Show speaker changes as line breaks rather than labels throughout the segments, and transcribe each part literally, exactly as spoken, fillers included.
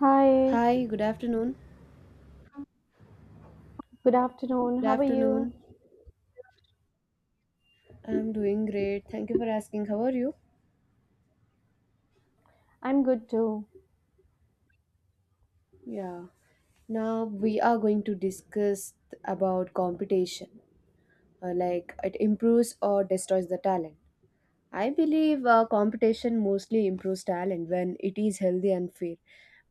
Hi,
Hi, good afternoon.
good afternoon.
Good
How are you?
afternoon. I'm doing great. Thank you for asking. How are you?
I'm good too.
Yeah. Now we are going to discuss about competition, uh, like it improves or destroys the talent. I believe uh, competition mostly improves talent when it is healthy and fair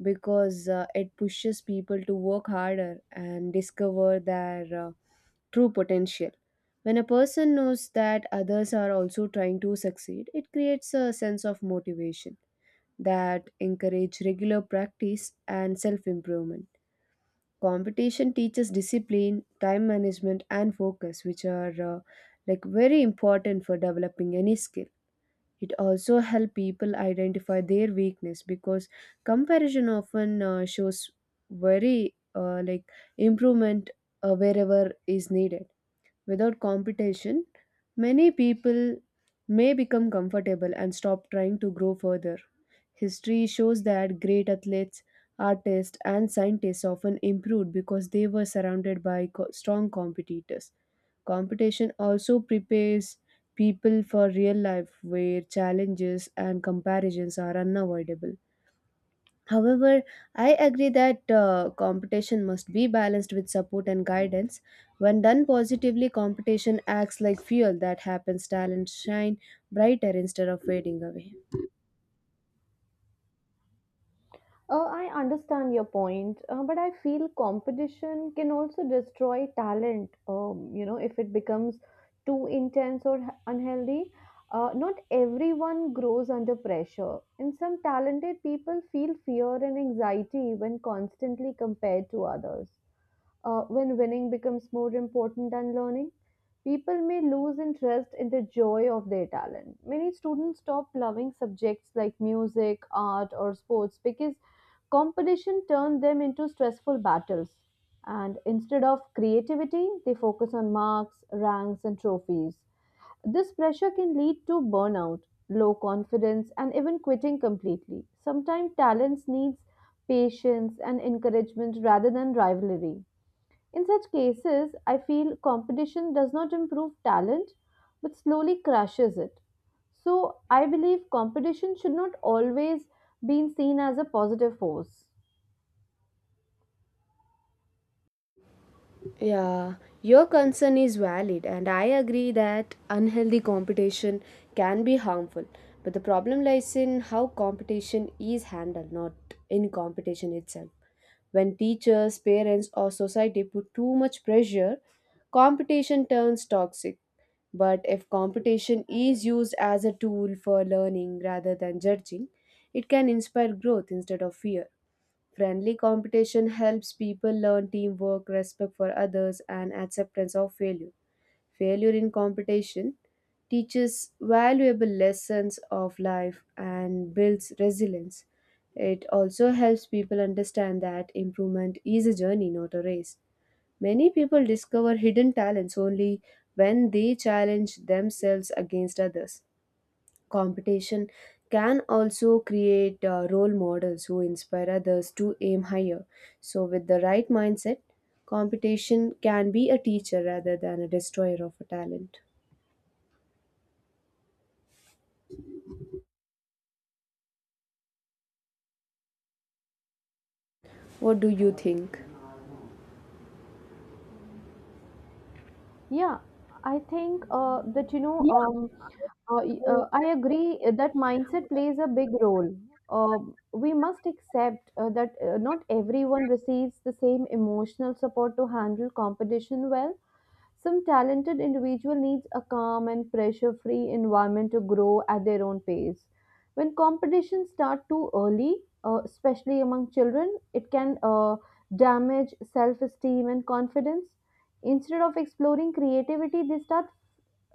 because uh, it pushes people to work harder and discover their uh, true potential. When a person knows that others are also trying to succeed, it creates a sense of motivation that encourage regular practice and self-improvement. Competition teaches discipline, time management and focus which are uh, like very important for developing any skill. It also helps people identify their weakness because comparison often uh, shows very uh, like improvement uh, wherever is needed. Without competition, many people may become comfortable and stop trying to grow further. History shows that great athletes, artists, and scientists often improved because they were surrounded by co- strong competitors. Competition also prepares people for real life where challenges and comparisons are unavoidable. However, I agree that uh, competition must be balanced with support and guidance. When done positively, competition acts like fuel that happens talent shine brighter instead of fading away.
Uh, I understand your point, uh, but I feel competition can also destroy talent, um, you know, if it becomes too intense or h- unhealthy. Uh, not everyone grows under pressure, and some talented people feel fear and anxiety when constantly compared to others. Uh, when winning becomes more important than learning, people may lose interest in the joy of their talent. Many students stop loving subjects like music, art, or sports because competition turns them into stressful battles. And instead of creativity, they focus on marks, ranks, and trophies. This pressure can lead to burnout, low confidence, and even quitting completely. Sometimes talents needs patience and encouragement rather than rivalry. In such cases, I feel competition does not improve talent but slowly crushes it. So, I believe competition should not always be seen as a positive force.
Yeah, your concern is valid, and I agree that unhealthy competition can be harmful. But the problem lies in how competition is handled, not in competition itself. When teachers, parents, or society put too much pressure, competition turns toxic. But if competition is used as a tool for learning rather than judging, it can inspire growth instead of fear. Friendly competition helps people learn teamwork, respect for others, and acceptance of failure. Failure in competition teaches valuable lessons of life and builds resilience. It also helps people understand that improvement is a journey, not a race. Many people discover hidden talents only when they challenge themselves against others competition can also create uh, role models who inspire others to aim higher. So, with the right mindset, competition can be a teacher rather than a destroyer of a talent. What do you think?
Yeah, I think uh, that you know,
Yeah,
um, uh, y-
uh,
uh, I agree that mindset plays a big role. Um we must accept uh, that uh, not everyone receives the same emotional support to handle competition well. Some talented individual needs a calm and pressure-free environment to grow at their own pace. When competitions start too early, uh, especially among children, it can uh, damage self-esteem and confidence. Instead of exploring creativity, they start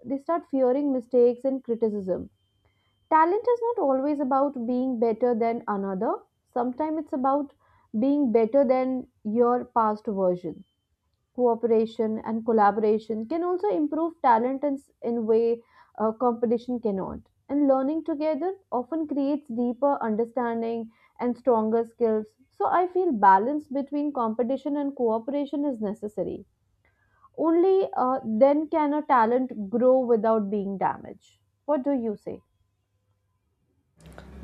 they start fearing mistakes and criticism. Talent is not always about being better than another. Sometimes it's about being better than your past version. Cooperation and collaboration can also improve talent in, in way uh, competition cannot, and learning together often creates deeper understanding and stronger skills. So I feel balance between competition and cooperation is necessary. Only uh, then can a talent grow without being damaged. What do you say?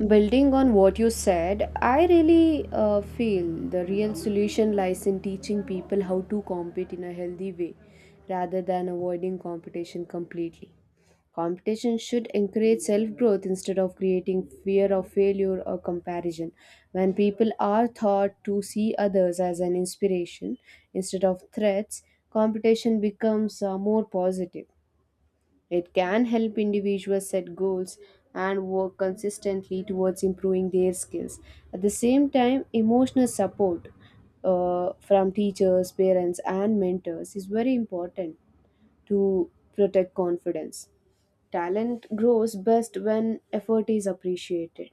Building on what you said, I really uh, feel the real solution lies in teaching people how to compete in a healthy way rather than avoiding competition completely. Competition should encourage self growth instead of creating fear of failure or comparison. When people are taught to see others as an inspiration instead of threats, competition becomes uh, more positive. It can help individuals set goals and work consistently towards improving their skills. At the same time, emotional support uh, from teachers, parents, and mentors is very important to protect confidence. Talent grows best when effort is appreciated,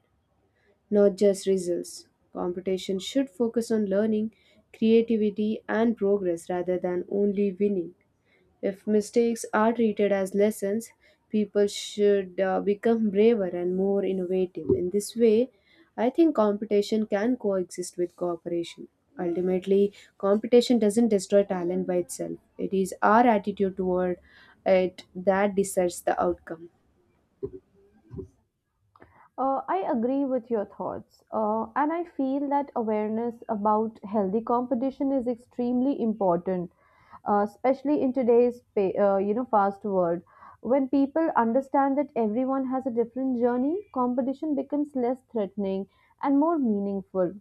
not just results. Competition should focus on learning, creativity, and progress rather than only winning. If mistakes are treated as lessons, people should uh, become braver and more innovative. In this way, I think competition can coexist with cooperation. Ultimately, competition doesn't destroy talent by itself, it is our attitude toward it that decides the outcome.
Uh, I agree with your thoughts, uh, and I feel that awareness about healthy competition is extremely important, uh, especially in today's pa- uh, you know fast world. When people understand that everyone has a different journey, competition becomes less threatening and more meaningful.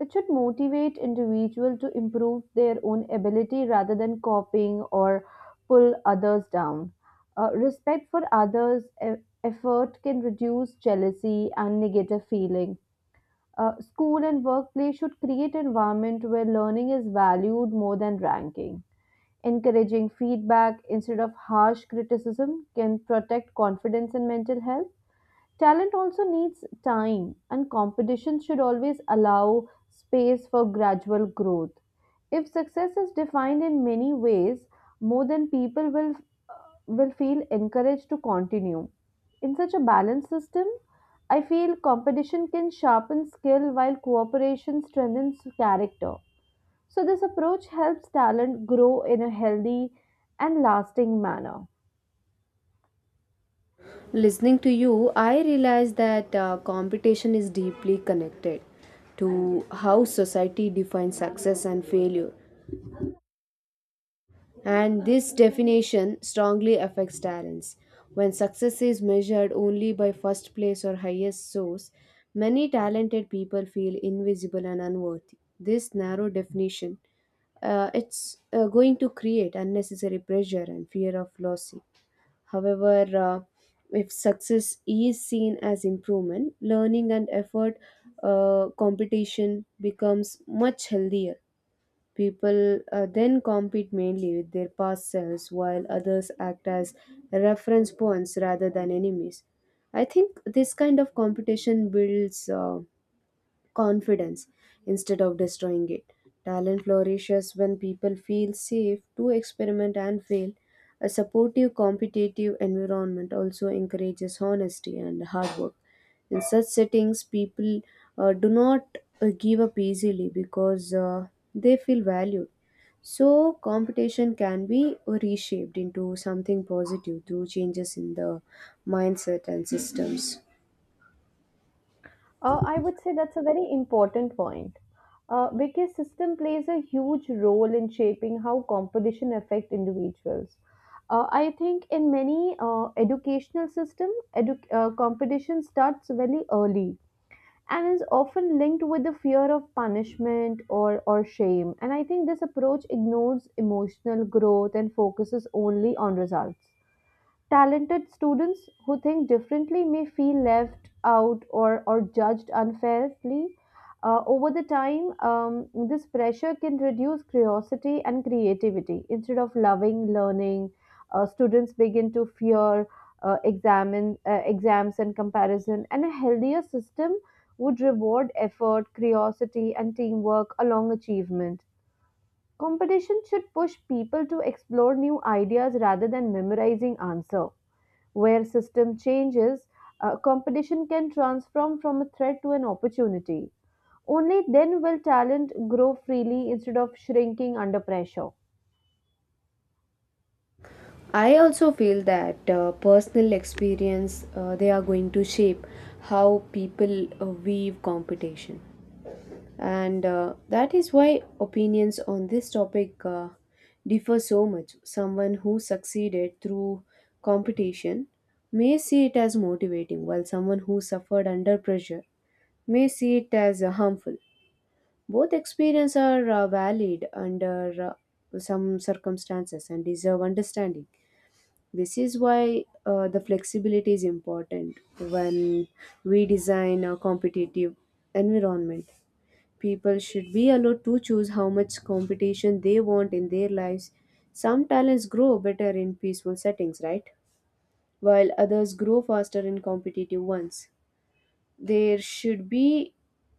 It should motivate individuals to improve their own ability rather than copying or pull others down. Uh, respect for others effort can reduce jealousy and negative feeling. Uh, school and workplace should create environment where learning is valued more than ranking. Encouraging feedback instead of harsh criticism can protect confidence and mental health. Talent also needs time, and competition should always allow space for gradual growth. If success is defined in many ways, more than people will will feel encouraged to continue. In such a balanced system, I feel competition can sharpen skill while cooperation strengthens character. So this approach helps talent grow in a healthy and lasting manner.
Listening to you, I realize that uh, competition is deeply connected to how society defines success and failure. And this definition strongly affects talents. When success is measured only by first place or highest source, many talented people feel invisible and unworthy. This narrow definition uh, it's uh, going to create unnecessary pressure and fear of losing. However, uh, if success is seen as improvement, learning and effort uh, competition becomes much healthier. People uh, then compete mainly with their past selves while others act as reference points rather than enemies. I think this kind of competition builds uh, confidence instead of destroying it. Talent flourishes when people feel safe to experiment and fail. A supportive, competitive environment also encourages honesty and hard work. In such settings, people uh, do not uh, give up easily because uh, they feel valued. So, competition can be reshaped into something positive through changes in the mindset and systems.
Uh, I would say that's a very important point, uh, because system plays a huge role in shaping how competition affect individuals. Uh, I think in many uh, educational system, edu- uh, competition starts very early and is often linked with the fear of punishment or, or shame. And I think this approach ignores emotional growth and focuses only on results. Talented students who think differently may feel left out or, or judged unfairly. Uh, over the time, um, this pressure can reduce curiosity and creativity. Instead of loving learning, uh, students begin to fear uh, examine, uh, exams and comparison. And a healthier system would reward effort, curiosity, and teamwork along achievement. Competition should push people to explore new ideas rather than memorizing answer. Where system changes, uh, competition can transform from a threat to an opportunity. Only then will talent grow freely instead of shrinking under pressure.
I also feel that uh, personal experience uh, they are going to shape how people uh, weave competition, and uh, that is why opinions on this topic uh, differ so much. Someone who succeeded through competition may see it as motivating, while someone who suffered under pressure may see it as uh, harmful. Both experiences are uh, valid under uh, some circumstances and deserve understanding. This is why uh, the flexibility is important when we design a competitive environment. People should be allowed to choose how much competition they want in their lives. Some talents grow better in peaceful settings, right? While others grow faster in competitive ones. There should be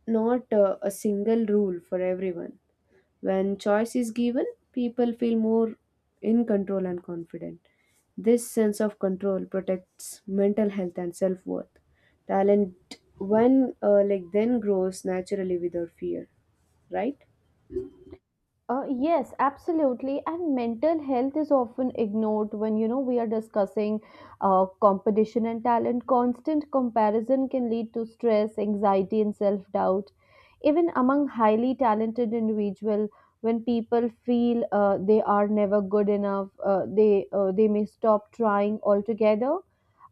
not uh, a single rule for everyone. When choice is given, people feel more in control and confident. This sense of control protects mental health and self worth. Talent, when uh, like then grows naturally without fear, right?
Uh, yes, absolutely. And mental health is often ignored when you know we are discussing uh, competition and talent. Constant comparison can lead to stress, anxiety, and self doubt. Even among highly talented individuals, when people feel uh, they are never good enough, uh, they uh, they may stop trying altogether.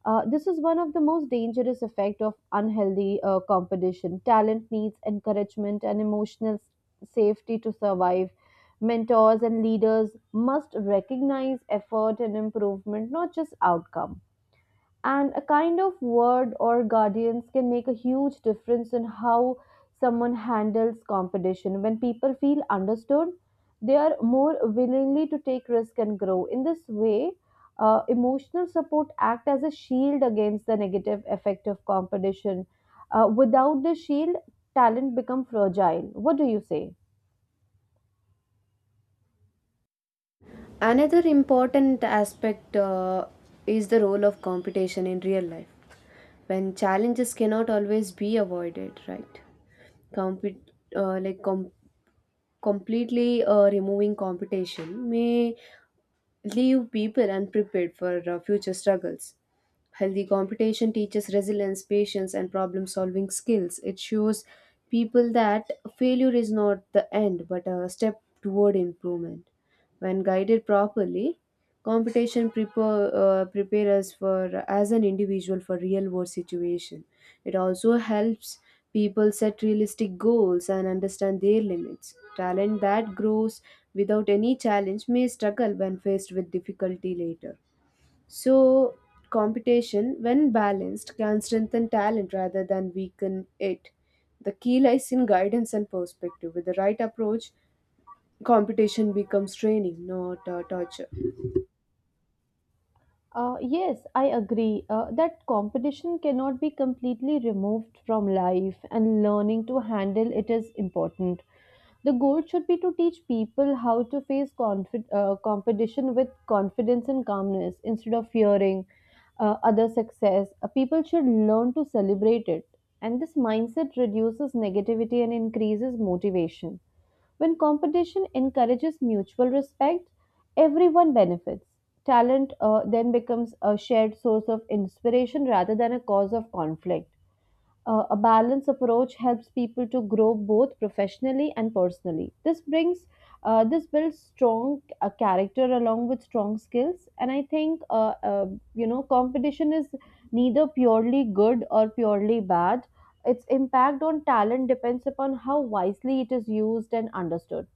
Uh, this is one of the most dangerous effect of unhealthy uh, competition. Talent needs encouragement and emotional s- safety to survive. Mentors and leaders must recognize effort and improvement, not just outcome, and a kind of word or guardians can make a huge difference in how someone handles competition. When people feel understood, they are more willingly to take risk and grow. In this way, uh, emotional support act as a shield against the negative effect of competition. Uh, without the shield, talent become fragile. What do you say?
Another important aspect uh, is the role of competition in real life. When challenges cannot always be avoided, right? Compet- uh, like com- completely uh, removing competition may leave people unprepared for uh, future struggles. Healthy competition teaches resilience, patience, and problem solving skills. It shows people that failure is not the end but a step toward improvement. When guided properly, competition prepare, uh, prepare us for as an individual for real world situation it also helps people set realistic goals and understand their limits talent that grows without any challenge may struggle when faced with difficulty later so competition when balanced can strengthen talent rather than weaken it the key lies in guidance and perspective with the right approach competition becomes training not uh, torture.
Uh, yes, I agree uh, that competition cannot be completely removed from life, and learning to handle it is important. The goal should be to teach people how to face confi- uh, competition with confidence and calmness instead of fearing uh, other success. Uh, people should learn to celebrate it, and this mindset reduces negativity and increases motivation. When competition encourages mutual respect, everyone benefits. Talent uh, then becomes a shared source of inspiration rather than a cause of conflict. Uh, a balanced approach helps people to grow both professionally and personally. This brings uh, this builds strong uh, character along with strong skills, and I think uh, uh, you know competition is neither purely good or purely bad. Its impact on talent depends upon how wisely it is used and understood.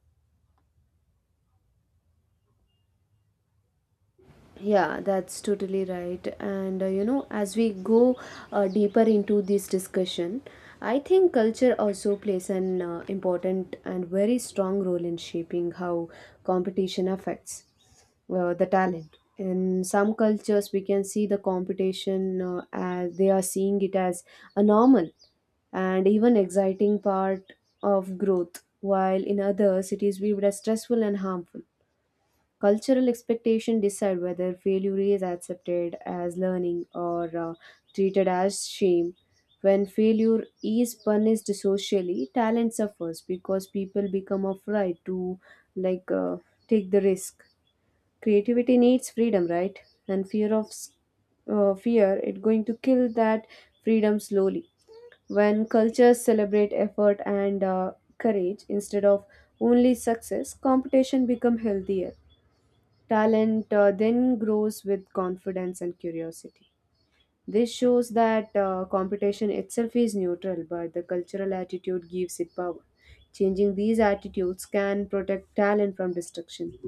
Yeah, that's totally right. And uh, you know, as we go uh, deeper into this discussion, I think culture also plays an uh, important and very strong role in shaping how competition affects uh, the talent. In some cultures, we can see the competition uh, as they are seeing it as a normal and even exciting part of growth, while in others, it is viewed as stressful and harmful. Cultural expectation decide whether failure is accepted as learning or uh, treated as shame. When failure is punished socially, talent suffers because people become afraid to like uh, take the risk. Creativity needs freedom, right? And fear of s- uh, fear it going to kill that freedom slowly. When cultures celebrate effort and uh, courage instead of only success, competition become healthier. Talent uh, then grows with confidence and curiosity. This shows that uh, competition itself is neutral, but the cultural attitude gives it power. Changing these attitudes can protect talent from destruction.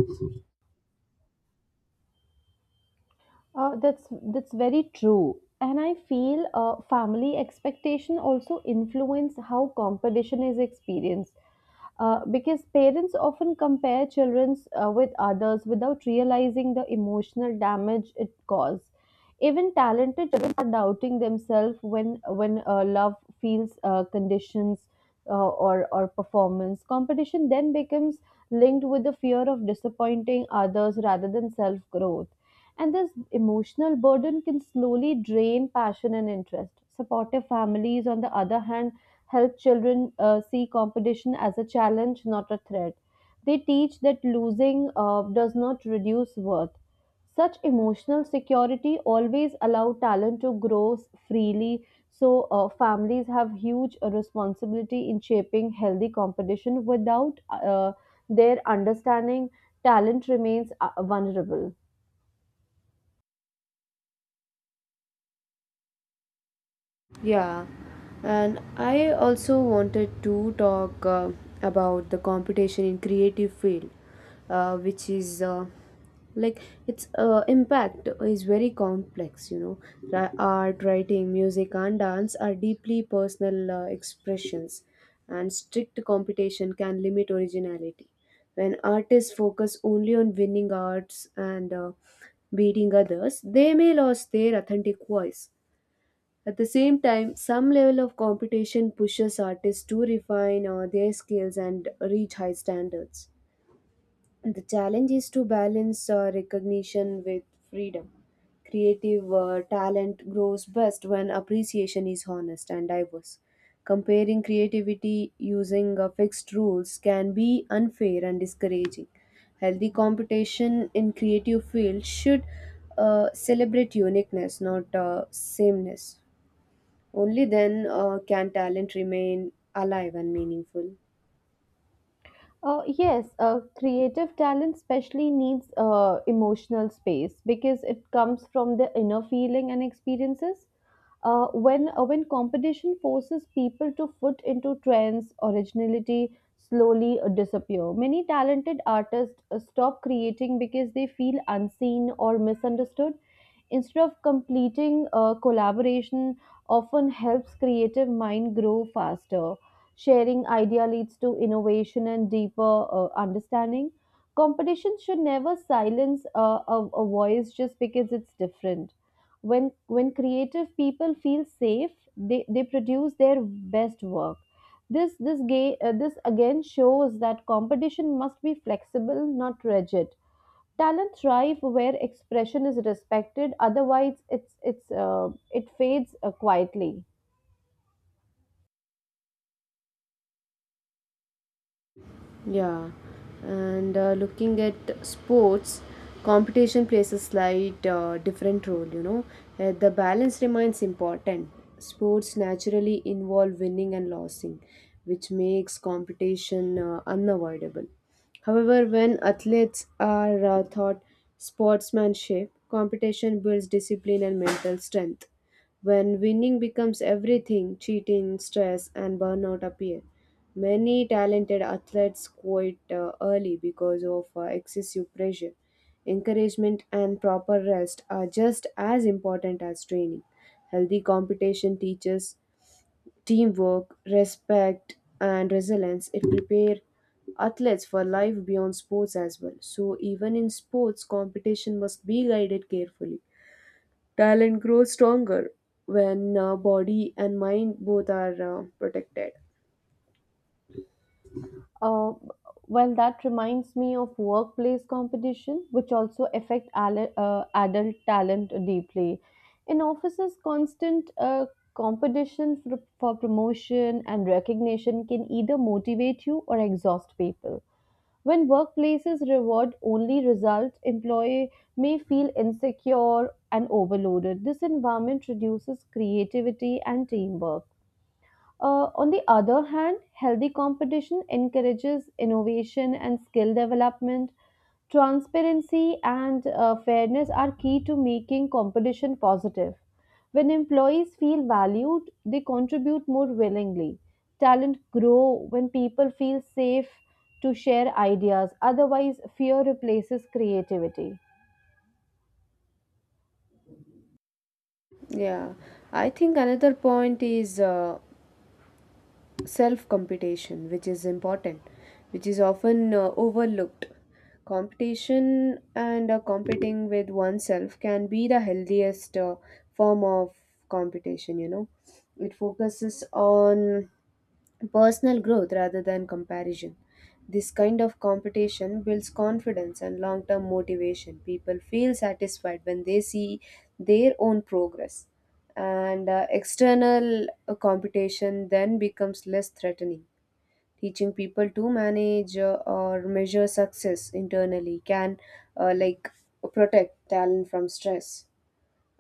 Uh, that's that's very true, and I feel uh, family expectation also influence how competition is experienced. Uh, because parents often compare childrens uh, with others without realizing the emotional damage it causes. Even talented children are doubting themselves when when uh, love feels uh, conditions uh, or or performance. Competition then becomes linked with the fear of disappointing others rather than self growth. And this emotional burden can slowly drain passion and interest. Supportive families, on the other hand, help children uh, see competition as a challenge, not a threat. They teach that losing uh, does not reduce worth. Such emotional security always allow talent to grow s- freely. So uh, families have huge uh, responsibility in shaping healthy competition. Without uh, their understanding, talent remains uh, vulnerable.
Yeah, and I also wanted to talk uh, about the competition in creative field, uh, which is uh, like its uh, impact is very complex, you know. Ra- art writing music and dance are deeply personal uh, expressions and strict competition can limit originality when artists focus only on winning arts and uh, beating others they may lose their authentic voice at the same time some level of competition pushes artists to refine uh, their skills and reach high standards the challenge is to balance uh, recognition with freedom. Creative uh, talent grows best when appreciation is honest and diverse. Comparing creativity using uh, fixed rules can be unfair and discouraging. Healthy competition in creative fields should uh, celebrate uniqueness, not uh, sameness. Only then uh, can talent remain alive and meaningful.
Uh, yes, uh, creative talent especially needs uh, emotional space because it comes from the inner feeling and experiences. Uh, when uh, when competition forces people to foot into trends, originality slowly uh, disappear. Many talented artists uh, stop creating because they feel unseen or misunderstood. Instead of completing uh, collaboration, often helps creative mind grow faster. Sharing idea leads to innovation and deeper uh, understanding. Competition should never silence uh, a, a voice just because it's different. When when creative people feel safe, they, they produce their best work. This this gay, uh, this again shows that competition must be flexible, not rigid. Talent thrive where expression is respected. Otherwise it's it's uh, it fades uh, quietly.
Yeah, and uh, looking at sports, competition plays a slight uh, different role, you know. Uh, the balance remains important. Sports naturally involve winning and losing, which makes competition uh, unavoidable. However, when athletes are uh, taught sportsmanship, competition builds discipline and mental strength. When winning becomes everything, cheating, stress, and burnout appear. Many talented athletes quit uh, early because of uh, excessive pressure. Encouragement and proper rest are just as important as training. Healthy competition teaches teamwork, respect, and resilience. It prepares athletes for life beyond sports as well. So, even in sports, competition must be guided carefully. Talent grows stronger when uh, body and mind both are uh, protected.
Uh, well, that reminds me of workplace competition, which also affect ale- uh, adult talent deeply. In offices, constant uh, competition for, for promotion and recognition can either motivate you or exhaust people. When workplaces reward only results, employee may feel insecure and overloaded. This environment reduces creativity and teamwork. Uh, on the other hand, healthy competition encourages innovation and skill development. Transparency and uh, fairness are key to making competition positive. When employees feel valued, they contribute more willingly. Talent grows when people feel safe to share ideas. Otherwise, fear replaces creativity.
Yeah, I think another point is uh, self competition, which is important, which is often uh, overlooked. Competition and uh, competing with oneself can be the healthiest uh, form of competition, you know. It focuses on personal growth rather than comparison. This kind of competition builds confidence and long term motivation. People feel satisfied when they see their own progress. And uh, external uh, competition then becomes less threatening. Teaching people to manage uh, or measure success internally can, uh, like, protect talent from stress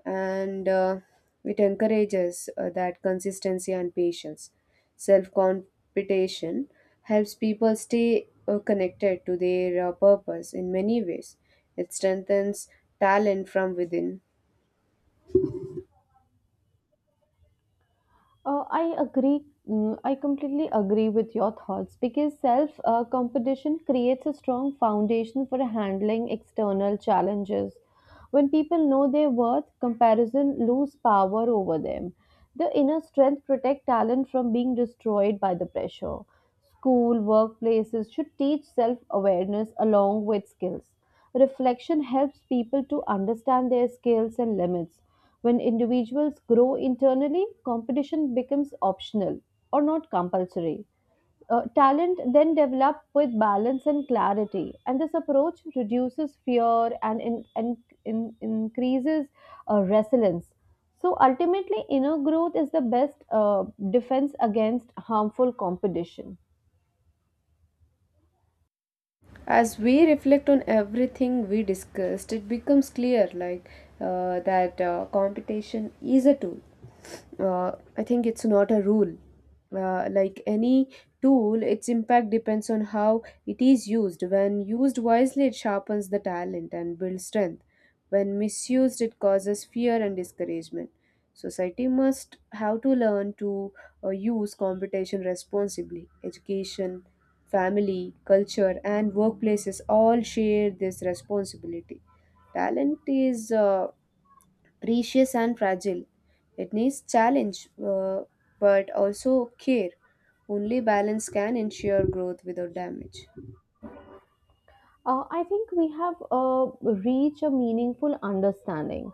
and uh, it encourages uh, that consistency and patience. Self competition helps people stay uh, connected to their uh, purpose in many ways. It strengthens talent from within.
Uh, I agree. mm, I completely agree with your thoughts because self uh, competition creates a strong foundation for handling external challenges. When people know their worth, comparison lose power over them. The inner strength protect talent from being destroyed by the pressure. School, workplaces should teach self awareness along with skills. Reflection helps people to understand their skills and limits. When individuals grow internally, competition becomes optional or not compulsory. Uh, talent then develop with balance and clarity, and this approach reduces fear and in, in, in- increases uh, resilience. So ultimately, inner growth is the best uh, defense against harmful competition.
As we reflect on everything we discussed, it becomes clear like uh, that uh, competition is a tool, uh, I think it's not a rule. Uh, like any tool, its impact depends on how it is used. When used wisely, it sharpens the talent and builds strength. When misused, it causes fear and discouragement. Society must have to learn to uh, use computation responsibly. Education, family, culture, and workplaces all share this responsibility. Talent is uh, precious and fragile. It needs challenge, uh, but also care. Only balance can ensure growth without damage.
Uh, I think we have uh, reached a meaningful understanding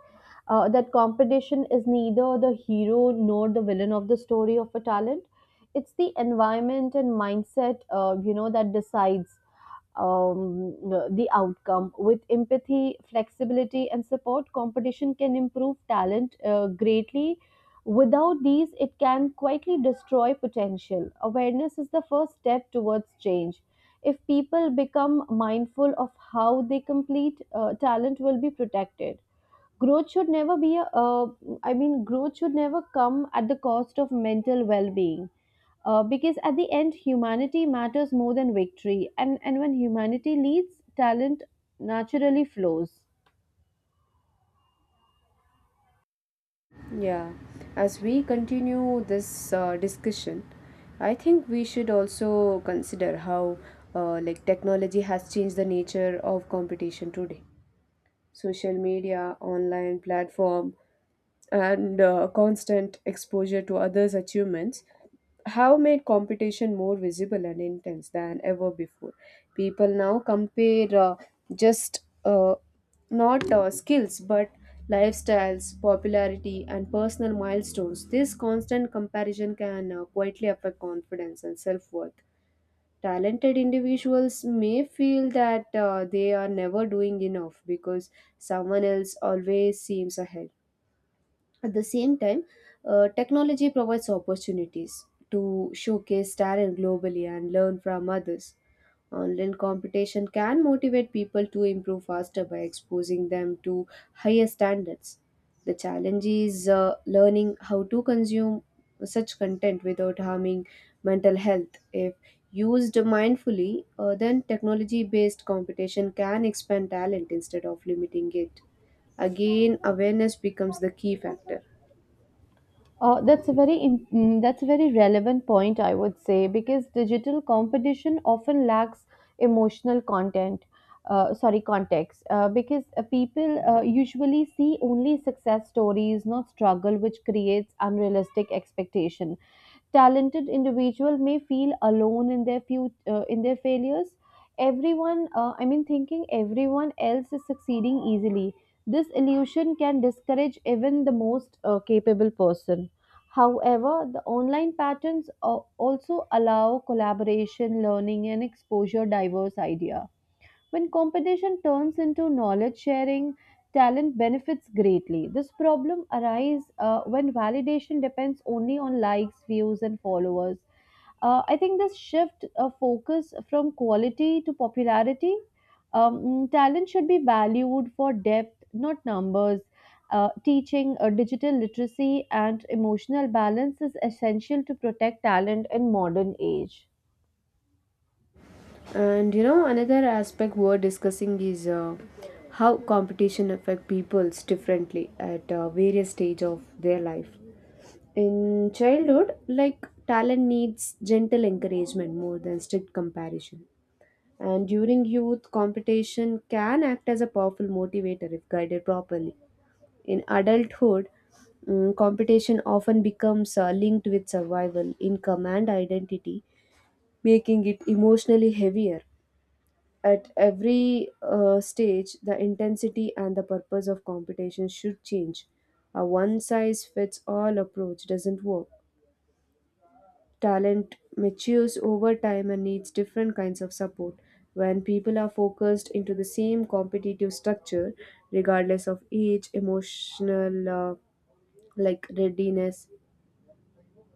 uh, that competition is neither the hero nor the villain of the story of a talent. It's the environment and mindset, uh, you know, that decides um, the outcome. With empathy, flexibility, and support, competition can improve talent uh, greatly. Without these, it can quietly destroy potential. Awareness is the first step towards change. If people become mindful of how they complete, uh, talent will be protected. Growth should never be a uh, I mean growth should never come at the cost of mental well-being, uh, because at the end humanity matters more than victory. And and when humanity leads, talent naturally flows.
Yeah, as we continue this uh, discussion, I think we should also consider how uh, like technology has changed the nature of competition today. Social media, online platform, and uh, constant exposure to others' achievements have made competition more visible and intense than ever before. People now compare uh, just uh, not uh, skills but lifestyles, popularity, and personal milestones. This constant comparison can uh, quietly affect confidence and self worth. Talented individuals may feel that uh, they are never doing enough because someone else always seems ahead at the same time, uh, technology provides opportunities to showcase talent globally and learn from others. Online competition can motivate people to improve faster by exposing them to higher standards. The challenge is uh, learning how to consume such content without harming mental health. If used mindfully, uh, then technology based competition can expand talent instead of limiting it. Again, awareness becomes the key factor.
Uh, that's a very im- mm, that's a very relevant point, I would say, because digital competition often lacks emotional content. Uh, sorry, context. Uh, because uh, people uh, usually see only success stories, not struggle, which creates unrealistic expectation. Talented individual may feel alone in their few uh, in their failures. Everyone, uh, I mean, thinking everyone else is succeeding easily. This illusion can discourage even the most uh, capable person. However, the online patterns al- also allow collaboration, learning, and exposure diverse idea. When competition turns into knowledge sharing, talent benefits greatly. This problem arises uh, when validation depends only on likes, views, and followers. Uh, I think this shift uh, focus from quality to popularity. Um, mm, talent should be valued for depth, not numbers. Uh, teaching uh, digital literacy and emotional balance is essential to protect talent in modern age.
And you know, another aspect we're discussing is uh, how competition affect peoples differently at uh, various stage of their life. In childhood, like talent needs gentle encouragement more than strict comparison. And during youth, competition can act as a powerful motivator if guided properly. In adulthood, mm, competition often becomes uh, linked with survival, income, and identity, making it emotionally heavier. At every uh, stage, the intensity and the purpose of competition should change. A one size fits all approach doesn't work. Talent matures over time and needs different kinds of support. When people are focused into the same competitive structure, regardless of age, emotional uh, like readiness,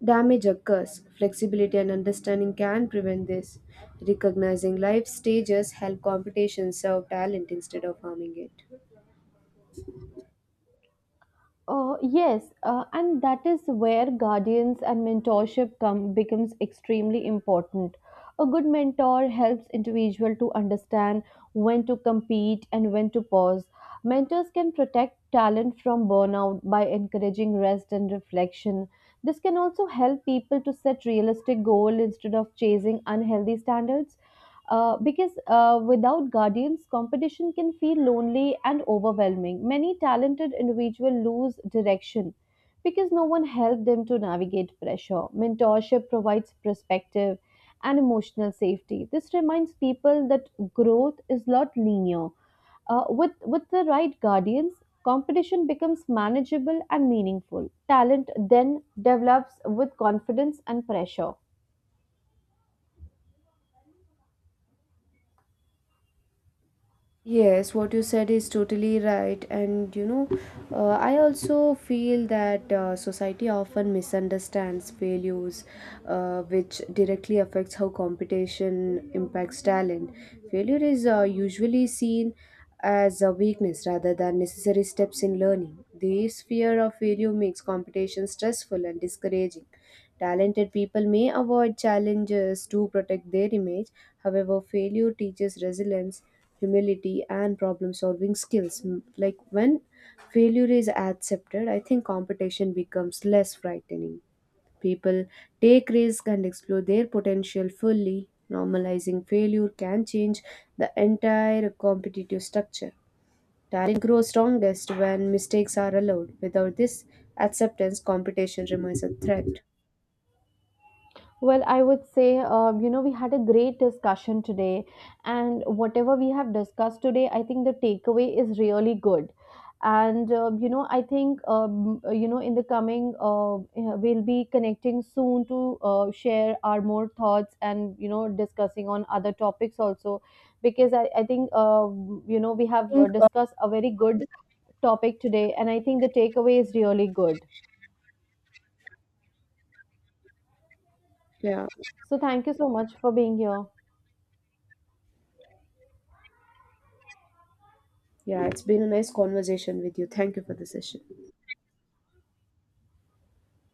damage occurs. Flexibility and understanding can prevent this. Recognizing life stages help competition serve talent instead of harming it.
Uh, yes, uh, and that is where guardians and mentorship come becomes extremely important. A good mentor helps individual to understand when to compete and when to pause. Mentors can protect talent from burnout by encouraging rest and reflection. This can also help people to set realistic goals instead of chasing unhealthy standards. Uh, because uh, without guardians, competition can feel lonely and overwhelming. Many talented individuals lose direction because no one helped them to navigate pressure. Mentorship provides perspective and emotional safety. This reminds people that growth is not linear. Uh, with, with the right guardians, competition becomes manageable and meaningful. Talent then develops with confidence and pressure.
Yes, what you said is totally right. And you know, uh, I also feel that uh, society often misunderstands failures, uh, which directly affects how competition impacts talent. Failure is uh, usually seen as a weakness rather than necessary steps in learning. This fear of failure makes competition stressful and discouraging. Talented people may avoid challenges to protect their image, however, failure teaches resilience humility and problem solving skills M- like when failure is accepted I think competition becomes less frightening people take risk and explore their potential fully normalizing failure can change the entire competitive structure talent grows strongest when mistakes are allowed without this acceptance competition remains a threat.
Well, I would say, uh, you know, we had a great discussion today, and whatever we have discussed today, I think the takeaway is really good. And, uh, you know, I think, um, you know, in the coming, uh, eh, we'll be connecting soon to uh, share our more thoughts and, you know, discussing on other topics also. Because I, I think, uh, you know, we have uh, discussed a very good topic today, and I think the takeaway is really good.
Yeah.
So, thank you so much for being here.
Yeah, it's been a nice conversation with you. Thank you for the session.